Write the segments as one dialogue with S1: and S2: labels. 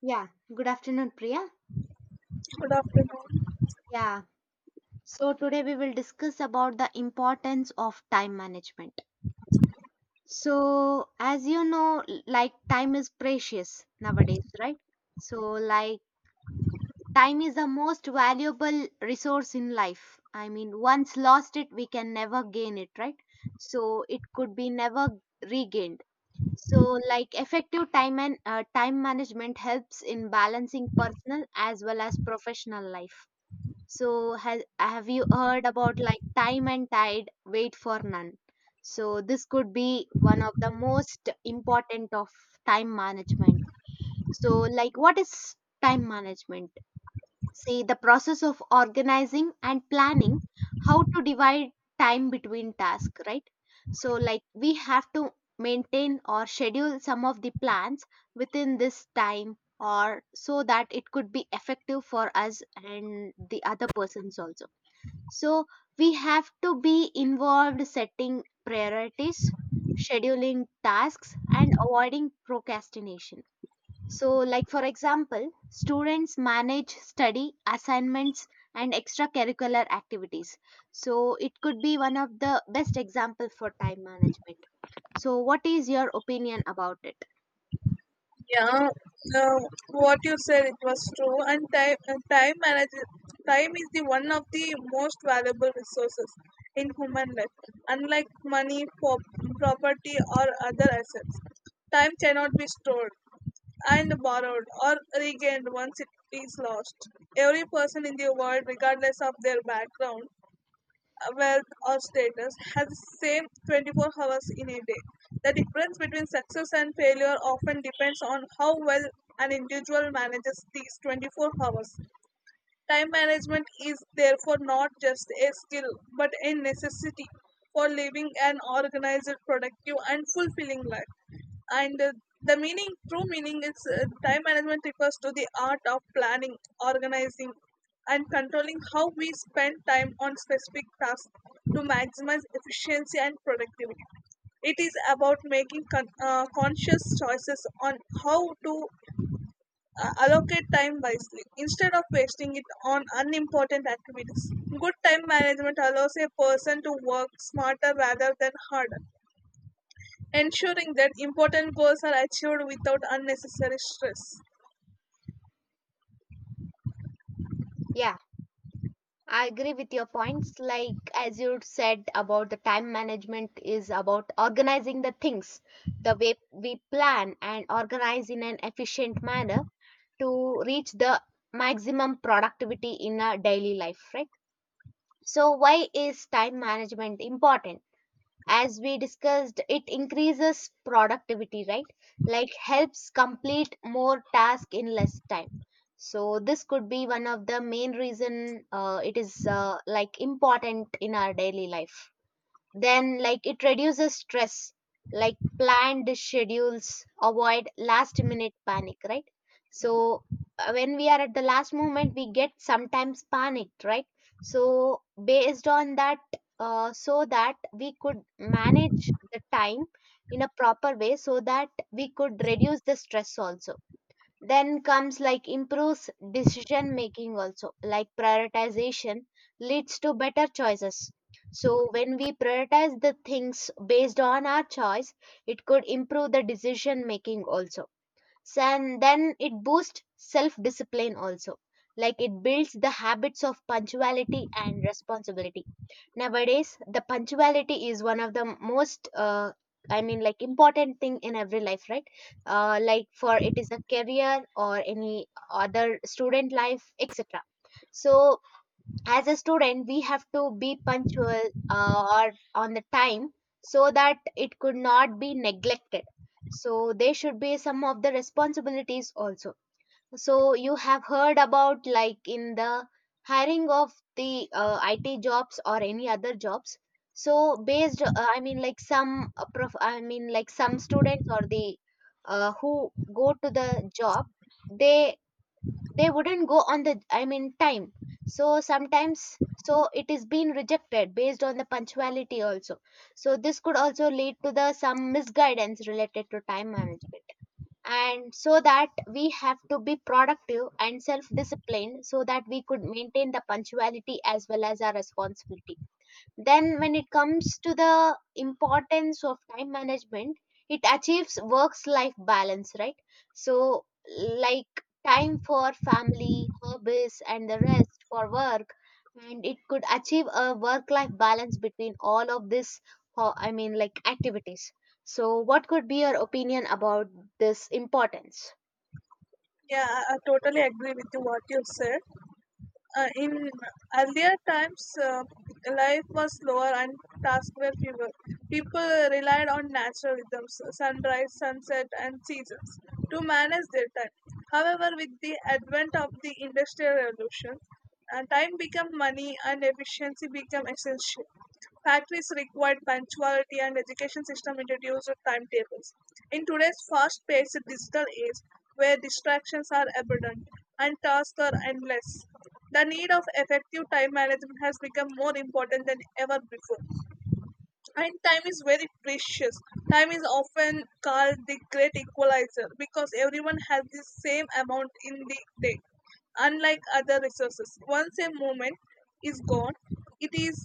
S1: Yeah, good afternoon, Priya.
S2: Good afternoon.
S1: Yeah, so today we will discuss about the importance of time management. So, as you know, like time is precious nowadays, right? So, like, time is the most valuable resource in life. I mean, once lost it, we can never gain it, right? So, it could be never regained. So, like, effective time and time management helps in balancing personal as well as professional life. So has have you heard about like time and tide wait for none? So this could be one of the most important of time management. So like what is time management? See the process of organizing and planning how to divide time between tasks, right? So like we have to maintain or schedule some of the plans within this time or so that it could be effective for us and the other persons also, so we have to be involved setting priorities, scheduling tasks, and avoiding procrastination. So, like for example, students manage study, assignments, and extracurricular activities. So it could be one of the best example for time management. So what is your opinion about it?
S2: Yeah, uh, what you said it was true, and time is the one of the most valuable resources in human life. Unlike money, pop, property, or other assets, time cannot be stored and borrowed or regained once it is lost. Every person in the world, regardless of their background, wealth or status has the same 24 hours in a day. The difference between success and failure often depends on how well an individual manages these 24 hours. Time management is therefore not just a skill but a necessity for living an organized, productive, and fulfilling life. And the meaning, true meaning, is time management refers to the art of planning, organizing, and controlling how we spend time on specific tasks to maximize efficiency and productivity. It is about making conscious choices on how to allocate time wisely instead of wasting it on unimportant activities. Good time management allows a person to work smarter rather than harder, ensuring that important goals are achieved without unnecessary stress.
S1: Yeah. I agree with your points. Like, as you said about the time management is about organizing the things the way we plan and organize in an efficient manner to reach the maximum productivity in our daily life, right? So, why is time management important? As we discussed, it increases productivity, right? Like helps complete more task in less time, so this could be one of the main reason it is like important in our daily life. Then, like, it reduces stress, like planned schedules, avoid last minute panic, right? So, when we are at the last moment, we get sometimes panicked, right? So, based on that, so that we could manage the time in a proper way, so that we could reduce the stress also. Then comes like improves decision making also, like prioritization leads to better choices. So when we prioritize the things based on our choice, it could improve the decision making also. And then it boosts self discipline also, like it builds the habits of punctuality and responsibility. Nowadays the punctuality is one of the most I mean like important thing in every life, right? Like for it is a career or any other student life etc. So as a student we have to be punctual, or on the time, so that it could not be neglected. So there should be some of the responsibilities also. So you have heard about like in the hiring of the it jobs or any other jobs. So based I mean like some prof I mean like some students or the who go to the job, they wouldn't go on the, I mean, time. So sometimes, so it is being rejected based on the punctuality also. So this could also lead to the some misguidance related to time management. And so that we have to be productive and self disciplined so that we could maintain the punctuality as well as our responsibility. Then, when it comes to the importance of time management, it achieves works life balance, right? So, like time for family, hobbies, and the rest for work, and it could achieve a work life balance between all of this, I mean, like activities. So, what could be your opinion about this importance?
S2: Yeah, I totally agree with you what you said. In earlier times, life was slower and tasks were fewer. People relied on natural rhythms, sunrise, sunset, and seasons, to manage their time. However, with the advent of the Industrial Revolution, and time become money and efficiency become essential. Factories required punctuality and education system introduced timetables. In today's fast-paced digital age, where distractions are abundant and tasks are endless, the need of effective time management has become more important than ever before, and time is very precious. Time is often called the great equalizer because everyone has the same amount in the day. Unlike other resources, once a moment is gone, it is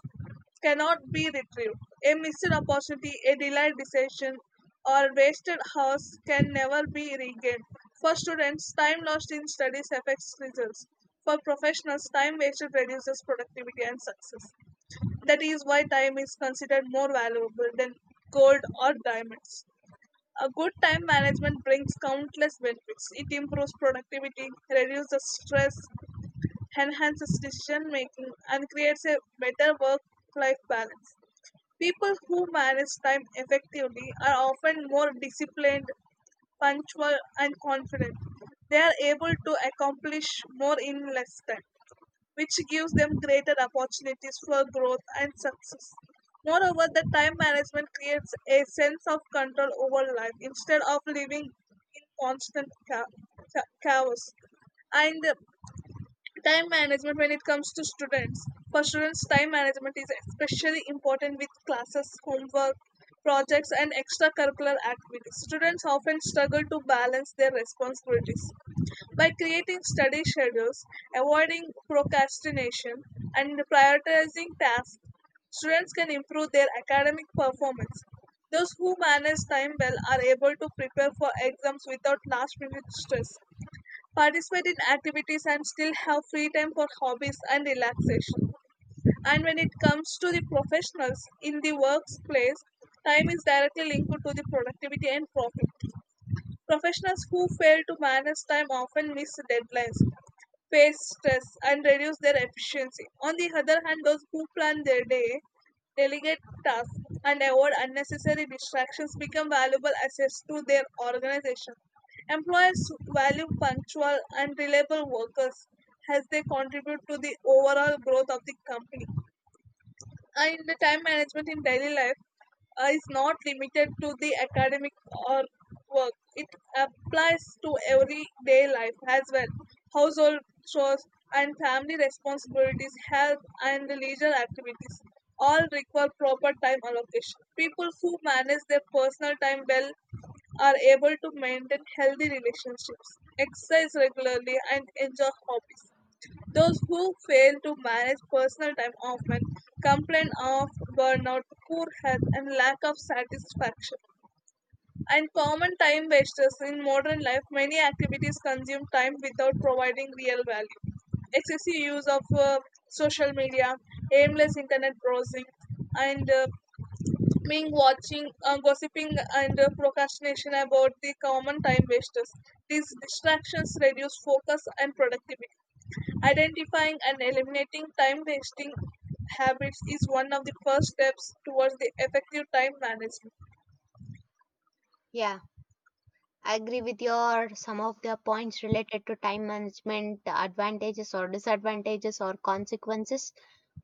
S2: cannot be retrieved. A missed opportunity, a delayed decision, or wasted hours can never be regained. For students, time lost in studies affects results. For professionals, time wasted reduces productivity and success. That is why time is considered more valuable than gold or diamonds. A good time management brings countless benefits. It improves productivity, reduces stress, enhances decision making, and creates a better work life balance. People who manage time effectively are often more disciplined, punctual, and confident. They are able to accomplish more in less time, which gives them greater opportunities for growth and success. Moreover, the time management creates a sense of control over life instead of living in constant chaos. And Time management when it comes to students. For students, time management is especially important with classes, homework, projects, and extracurricular activities. Students often struggle to balance their responsibilities. By creating study schedules, avoiding procrastination, and prioritizing tasks, students can improve their academic performance. Those who manage time well are able to prepare for exams without last minute stress, participate in activities, and still have free time for hobbies and relaxation. And when it comes to the professionals in the workplace, time is directly linked to the productivity and profit. Professionals who fail to manage time often miss deadlines, face stress and reduce their efficiency. On the other hand, those who plan their day, delegate tasks, and avoid unnecessary distractions become valuable assets to their organization. Employers value punctual and reliable workers as they contribute to the overall growth of the company. And the time management in daily life is not limited to the academic or work. It applies to everyday life as well. Household chores and family responsibilities, health and leisure activities all require proper time allocation. People who manage their personal time well are able to maintain healthy relationships, exercise regularly, and enjoy hobbies. Those who fail to manage personal time often complain of burnout, poor health, and lack of satisfaction. And common time wasters in modern life, many activities consume time without providing real value. Excessive use of social media, aimless internet browsing, and being watching, gossiping, and procrastination about the common time wasters. These distractions reduce focus and productivity. Identifying and eliminating time wasting habits is one of the first steps towards the effective time management.
S1: Yeah. I agree with your some of the points related to time management, the advantages or disadvantages or consequences,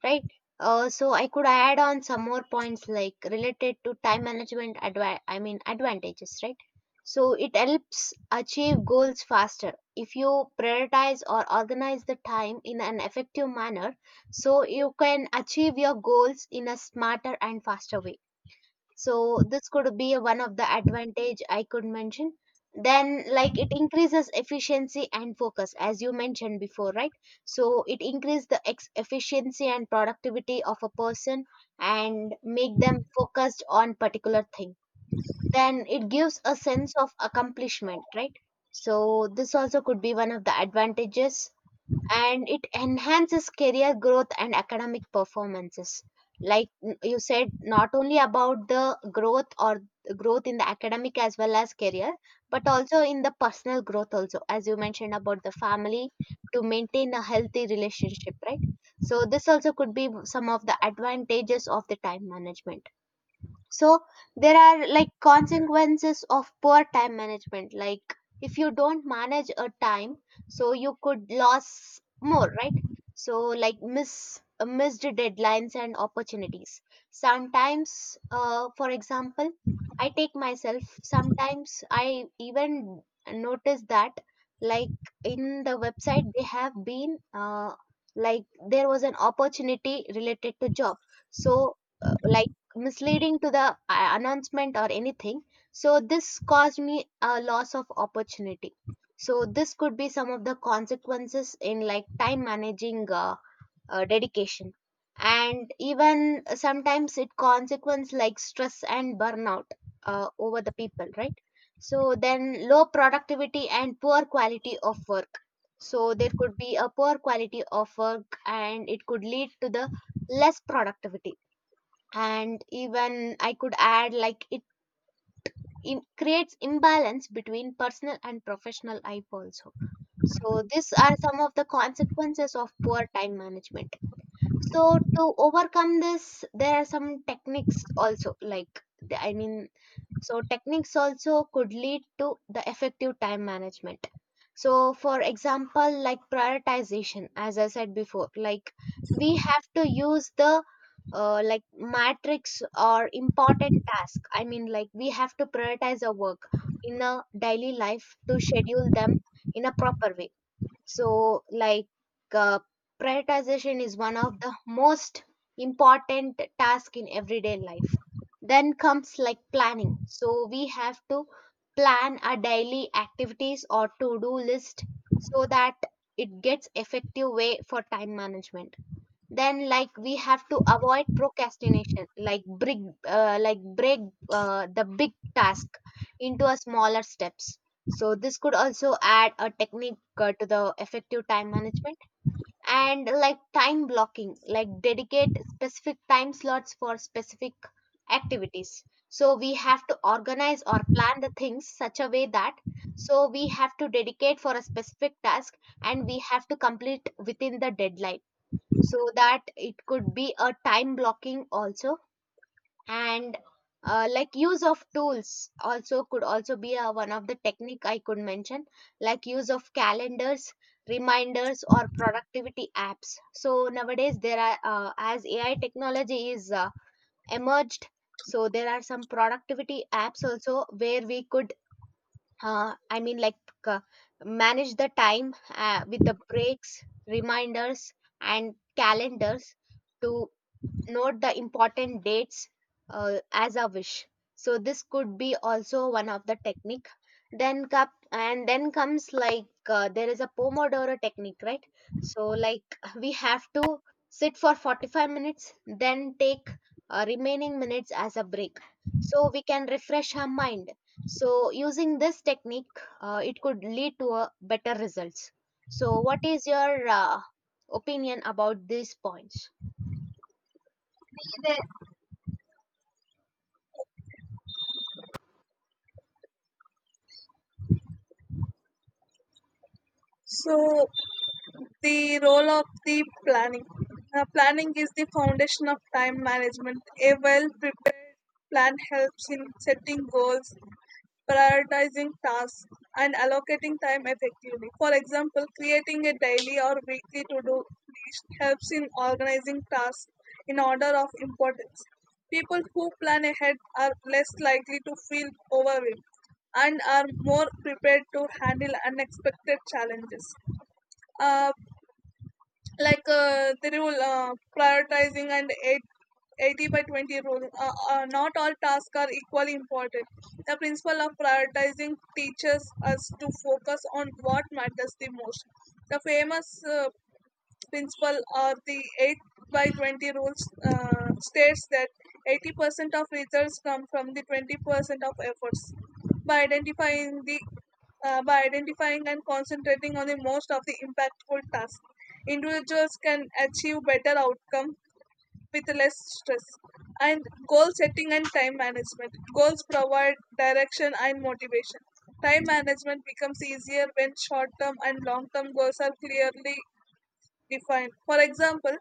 S1: right? So I could add on some more points like related to time management I mean advantages, right? So it helps achieve goals faster. If you prioritize or organize the time in an effective manner, so you can achieve your goals in a smarter and faster way. So this could be one of the advantage I could mention. Then like it increases efficiency and focus as you mentioned before, right? So it increase the efficiency and productivity of a person and make them focused on particular thing. Then it gives a sense of accomplishment, right? So this also could be one of the advantages. And it enhances career growth and academic performances. Like you said not only about the growth or growth in the academic as well as career, but also in the personal growth also, as you mentioned about the family, to maintain a healthy relationship, right? So this also could be some of the advantages of the time management. So there are like consequences of poor time management, like if you don't manage a time, so you could lose more, right? So like missed deadlines and opportunities. Sometimes for example, I take myself, sometimes I even notice that, like, in the website they have been like there was an opportunity related to job. So like misleading to the announcement or anything, so this caused me a loss of opportunity. So this could be some of the consequences in like time managing dedication. And even sometimes it consequence like stress and burnout over the people, right? So then low productivity and poor quality of work. So there could be a poor quality of work and it could lead to the less productivity. And even I could add like it creates imbalance between personal and professional life also. So these are some of the consequences of poor time management. So to overcome this there are some techniques also, like I mean, so techniques also could lead to the effective time management. So for example, like prioritization, as I said before, like we have to use the like matrix or important task. I mean, like we have to prioritize our work in a daily life to schedule them in a proper way. So, like, uh, prioritization is one of the most important task in everyday life. Then comes like planning. So, we have to plan our daily activities or to do list so that it gets effective way for time management. Then like we have to avoid procrastination like break the big task into a smaller steps. So this could also add a technique to the effective time management. And like time blocking like dedicate specific time slots for specific activities. So we have to organize or plan the things such a way that, so we have to dedicate for a specific task and we have to complete within the deadline, so that it could be a time blocking also. And like use of tools also could also be a, one of the technique I could mention, like use of calendars, reminders or productivity apps. So nowadays there are as AI technology is emerged, so there are some productivity apps also where we could I mean like uh, manage the time with the breaks, reminders and calendars to note the important dates as a wish. So this could be also one of the technique. Then cup and then comes like there is a Pomodoro technique, right? So like we have to sit for 45 minutes, then take remaining minutes as a break, so we can refresh our mind. So using this technique it could lead to a better results. So what is your opinion about these points?
S2: So, the role of the planning. Now, planning is the foundation of time management. A well prepared plan helps in setting goals, prioritizing tasks, and allocating time effectively. For example, creating a daily or weekly to do list helps in organizing tasks in order of importance. People who plan ahead are less likely to feel overwhelmed and are more prepared to handle unexpected challenges. Uh, the rule, prioritizing and 80 by 20 rule, not all tasks are equally important. The principle of prioritizing teaches us to focus on what matters the most. The famous principle or the 8 by 20 rules states that 80% of results come from the 20% of efforts. By identifying and concentrating on the most of the impactful tasks, individuals can achieve better outcome with less stress. And goal setting and time management. Goals provide direction and motivation. Time management becomes easier when short term and long term goals are clearly defined. For example,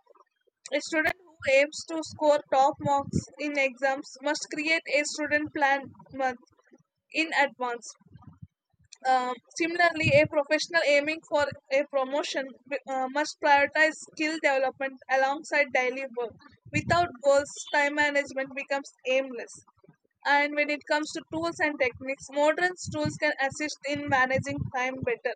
S2: a student who aims to score top marks in exams must create a student plan month in advance. Similarly, a professional aiming for a promotion must prioritize skill development alongside daily work. Without goals, time management becomes aimless. And when it comes to tools and techniques, modern tools can assist in managing time better.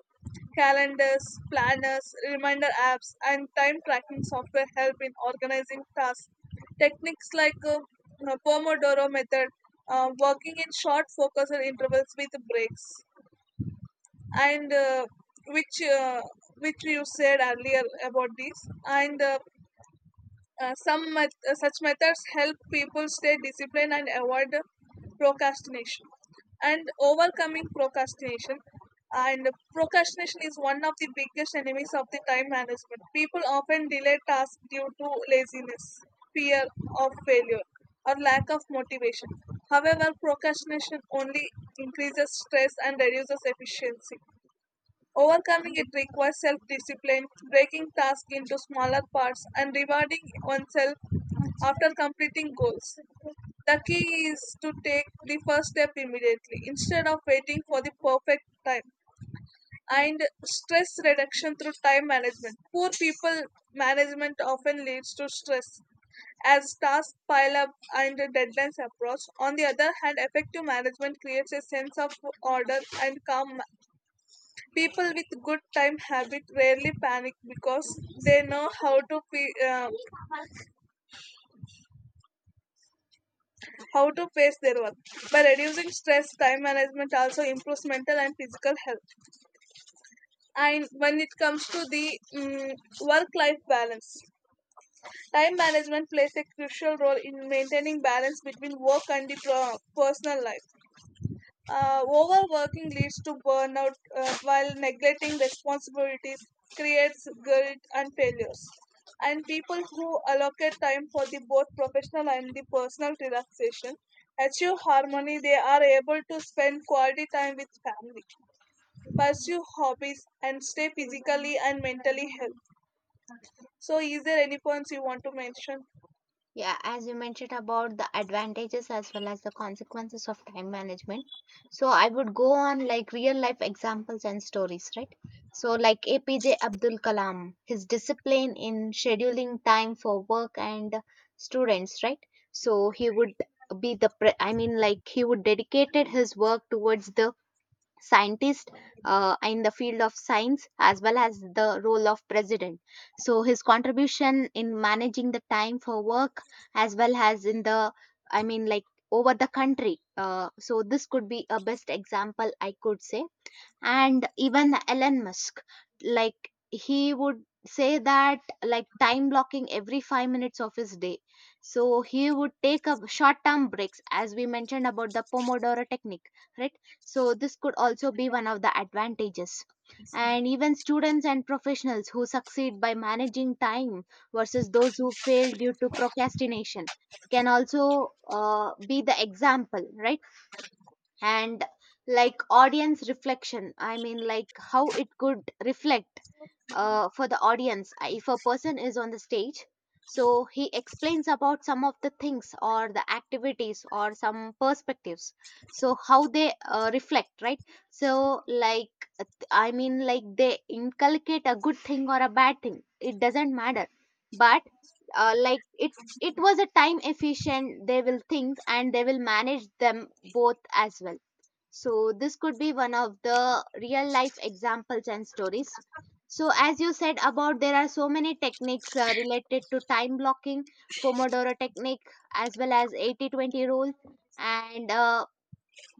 S2: Calendars, planners, reminder apps, and time tracking software help in organizing tasks. Techniques like Pomodoro method, working in short focused intervals with breaks, and which uh, which you said earlier about this, and such methods help people stay disciplined and avoid procrastination and overcoming procrastination. And procrastination is one of the biggest enemies of the time management. People often delay tasks due to laziness, fear of failure, or lack of motivation. However, procrastination only increases stress and reduces efficiency. Overcoming it requires self discipline, breaking tasks into smaller parts, and rewarding oneself after completing goals. The key is to take the first step immediately instead of waiting for the perfect time. And stress reduction through time management. Poor people management often leads to stress as tasks pile up and deadlines approach. On the other hand, effective management creates a sense of order and calm. People with good time habit rarely panic because they know how to pace their work. By reducing stress, time management also improves mental and physical health. And when it comes to the work life balance, time management plays a crucial role in maintaining balance between work and the personal life. Overworking leads to burnout, while neglecting responsibilities creates guilt and failures. And people who allocate time for the both professional and the personal relaxation achieve harmony. They are able to spend quality time with family, pursue hobbies, and stay physically and mentally healthy. So, is there any points you want to mention?
S1: Yeah, as you mentioned about the advantages as well as the consequences of time management. So I would go on like real life examples and stories, right? So like APJ Abdul Kalam, his discipline in scheduling time for work and students, right? So he would be the I mean like he would dedicated his work towards the scientist in the field of science as well as the role of president. So his contribution in managing the time for work as well as in the, I mean like, over the country, so this could be a best example I could say. And even Elon Musk, like he would say that like time blocking every 5 minutes of his day, so he would take up short term breaks as we mentioned about the Pomodoro technique, right? So this could also be one of the advantages. And even students and professionals who succeed by managing time versus those who fail due to procrastination can also be the example, right? And like audience reflection, I mean like how it could reflect for the audience. If a person is on the stage, so he explains about some of the things or the activities or some perspectives, so how they reflect, right? So like, I mean, like they inculcate a good thing or a bad thing. It doesn't matter. But like it was a time efficient. They will think and they will manage them both as well. So this could be one of the real life examples and stories. So as you said, about there are so many techniques related to time blocking, Pomodoro technique, as well as 80/20 20 rule, and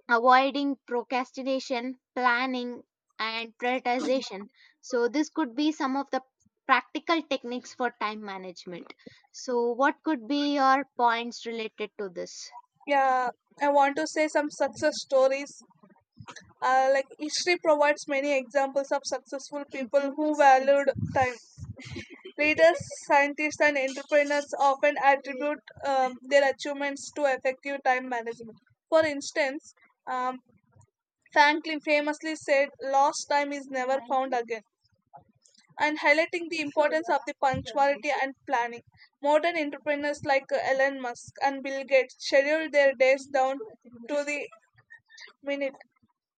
S1: avoiding procrastination, planning, and prioritization. So this could be some of the practical techniques for time management. So what could be your points related to this?
S2: Yeah, I want to say some success stories. Like history provides many examples of successful people who valued time. Leaders, scientists, and entrepreneurs often attribute their achievements to effective time management. For instance, um, Franklin famously said, "Lost time is never found again," and highlighting the importance of the punctuality and planning. Modern entrepreneurs like Elon Musk and Bill Gates schedule their days down to the minute,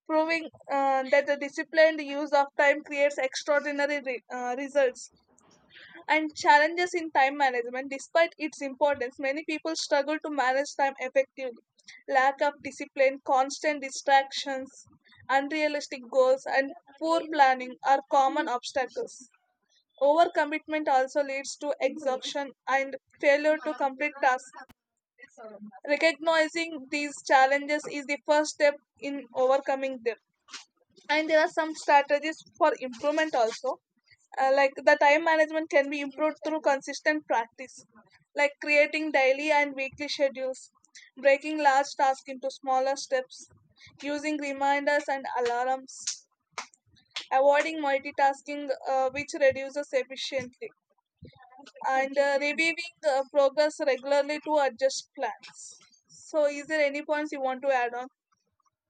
S2: proving that the disciplined use of time creates extraordinary results. And challenges in time management, despite its importance, many people struggle to manage time effectively. Lack of discipline, constant distractions, unrealistic goals, and poor planning are common obstacles. Overcommitment also leads to exhaustion and failure to complete tasks. Recognizing these challenges is the first step in overcoming them. And there are some strategies for improvement also, like the time management can be improved through consistent practice, like creating daily and weekly schedules, breaking large tasks into smaller steps, using reminders and alarms, avoiding multitasking, which reduces efficiently, and reviewing progress regularly to adjust plans. So is there any points you want to add on?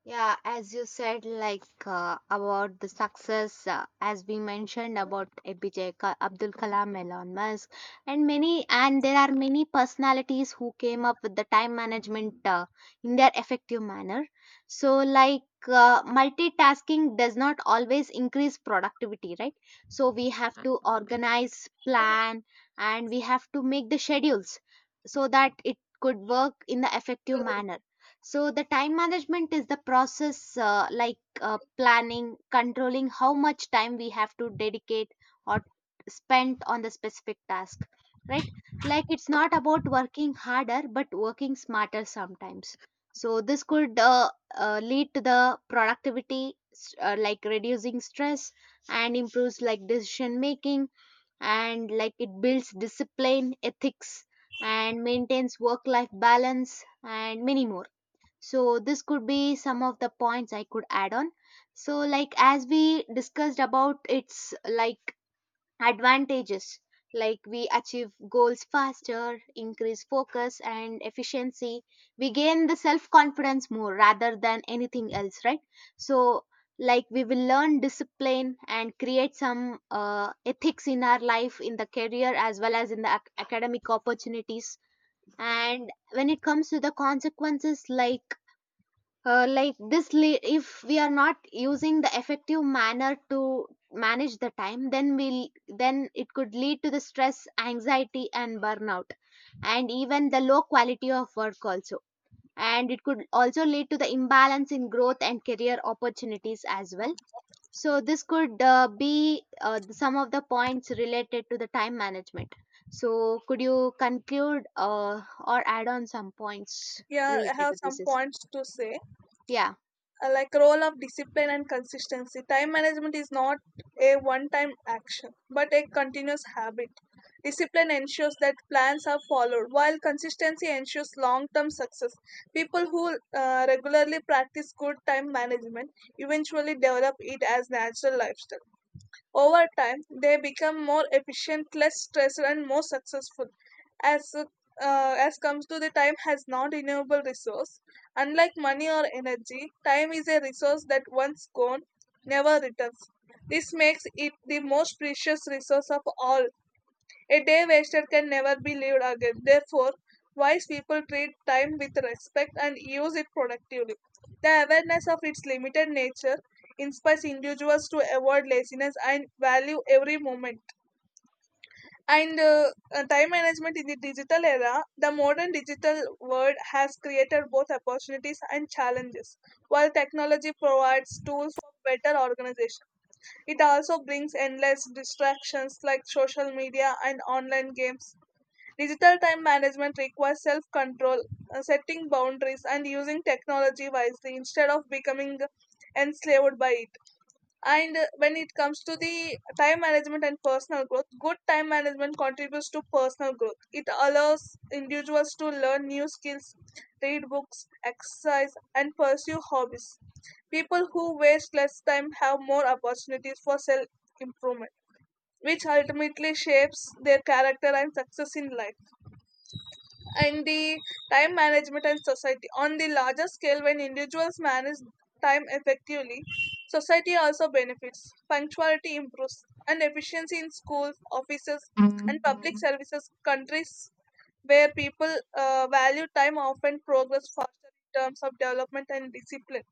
S1: Yeah, as you said, like about the success, as we mentioned about Abdul Kalam, Elon Musk, and many, and there are many personalities who came up with the time management in their effective manner. So, like multitasking does not always increase productivity, right? So we have to organize, plan, and we have to make the schedules so that it could work in the effective manner. So the time management is the process, like planning, controlling how much time we have to dedicate or spend on the specific task, right? Like, it's not about working harder but working smarter sometimes. So this could lead to the productivity, like reducing stress and improves like decision making, and like it builds discipline, ethics, and maintains work life balance, and many more. So this could be some of the points I could add on. So like, as we discussed about its like advantages, like we achieve goals faster, increase focus and efficiency. We gain the self confidence more rather than anything else, right? So like we will learn discipline and create some ethics in our life, in the career as well as in the academic opportunities. And when it comes to the consequences, like if we are not using the effective manner to manage the time, then we'll then it could lead to the stress, anxiety, and burnout, and even the low quality of work also, and it could also lead to the imbalance in growth and career opportunities as well. So this could be some of the points related to the time management. So could you conclude or add on some points
S2: Yeah, I
S1: related
S2: have
S1: to
S2: some
S1: this is
S2: points to say.
S1: yeah?
S2: Like role of discipline and consistency. Time management is not a one time action but a continuous habit. Discipline ensures that plans are followed, while consistency ensures long term success. People who regularly practice good time management eventually develop it as natural lifestyle. Over time, they become more efficient, less stressed, and more successful. As uh, as comes to the time has non-renewable resource. Unlike money or energy, time is a resource that once gone never returns. This makes it the most precious resource of all. A day wasted can never be lived again. Therefore, wise people treat time with respect and use it productively. The awareness of its limited nature inspires individuals to avoid laziness and value every moment. And Time management in the digital era, the modern digital world has created both opportunities and challenges. While technology provides tools for better organization, it also brings endless distractions like social media and online games. Digital time management requires self control, setting boundaries, and using technology wisely instead of becoming enslaved by it. And When it comes to the time management and personal growth, good time management contributes to personal growth. It allows individuals to learn new skills, read books, exercise, and pursue hobbies. People who waste less time have more opportunities for self improvement, which ultimately shapes their character and success in life. And the time management and society. On the larger scale, when individuals manage time effectively, society also benefits. Punctuality improves, and efficiency in schools, offices,
S1: Yeah,
S2: and public services. Countries where people value time often progress faster in terms of development and discipline.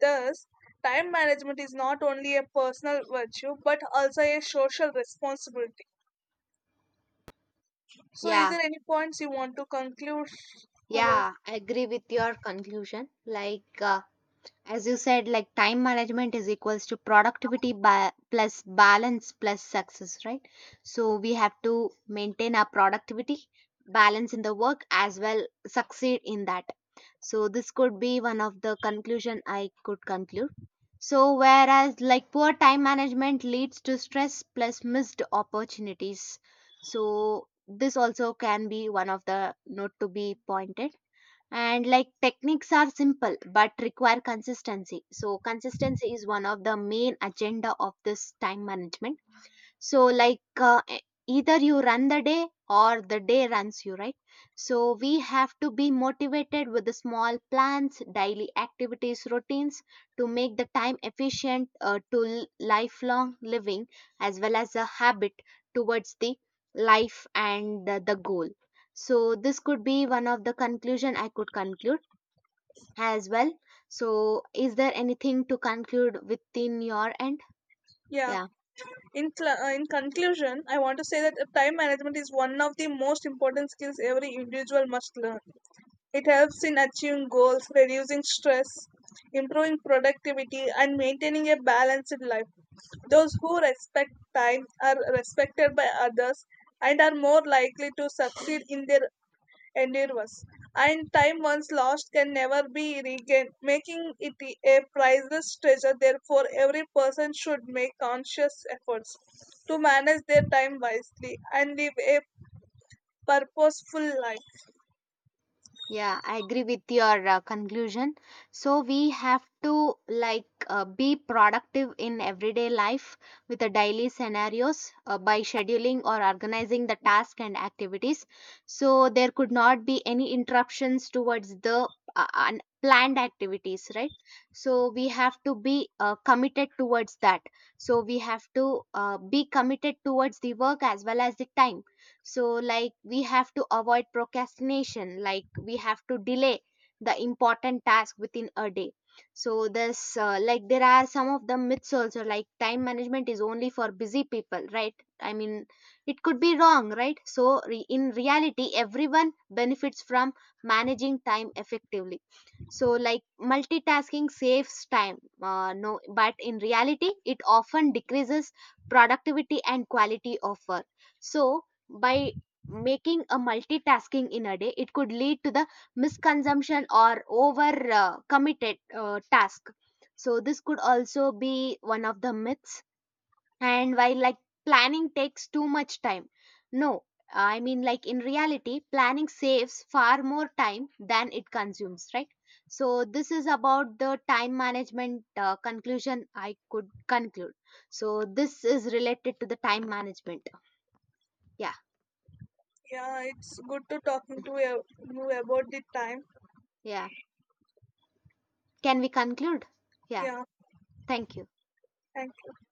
S2: Thus, time management is not only a personal virtue but also a social responsibility. So, is there any points you want to conclude? Or else?
S1: yeah, I agree with your conclusion. Like, as you said, like time management is equals to productivity plus balance plus success, right? So we have to maintain our productivity, balance in the work as well, succeed in that. So this could be one of the conclusion I could conclude. So whereas like poor time management leads to stress plus missed opportunities. So this also can be one of the note to be pointed. And like techniques are simple but require consistency. So consistency is one of the main agenda of this time management. So, like, either you run the day or the day runs you, right? So we have to be motivated with the small plans, daily activities, routines to make the time efficient to lifelong living as well as a habit towards the life and the goal. So this could be one of the conclusion I could conclude as well. So, is there anything to conclude within your end?
S2: Yeah.
S1: Yeah.
S2: In conclusion, I want to say that time management is one of the most important skills every individual must learn. It helps in achieving goals, reducing stress, improving productivity, and maintaining a balanced life. Those who respect time are respected by others and are more likely to succeed in their ended. And time once lost can never be regained, making it a priceless treasure. Therefore, every person should make conscious efforts to manage their time wisely and live a purposeful life.
S1: Yeah, I agree with your conclusion. So we have to like be productive in everyday life with the daily scenarios by scheduling or organizing the task and activities. So there could not be any interruptions towards the unplanned activities, right? So we have to be committed towards that. So we have to be committed towards the work as well as the time. So like we have to avoid procrastination, like we have to delay the important task within a day. So this, like, there are some of the myths also, like time management is only for busy people, right? I mean, it could be wrong, right? So in reality everyone benefits from managing time effectively. So like multitasking saves time? No, but in reality it often decreases productivity and quality of work. So by making a multitasking in a day, it could lead to the misconsumption or over committed task. So this could also be one of the myths. And while, like, planning takes too much time? No, I mean, like, in reality planning saves far more time than it consumes, right? So this is about the time management conclusion I could conclude. So this is related to the time management. Yeah.
S2: Yeah, it's good to talking to you about the time.
S1: Yeah, can we conclude? Yeah.
S2: Yeah,
S1: Thank you.
S2: thank you.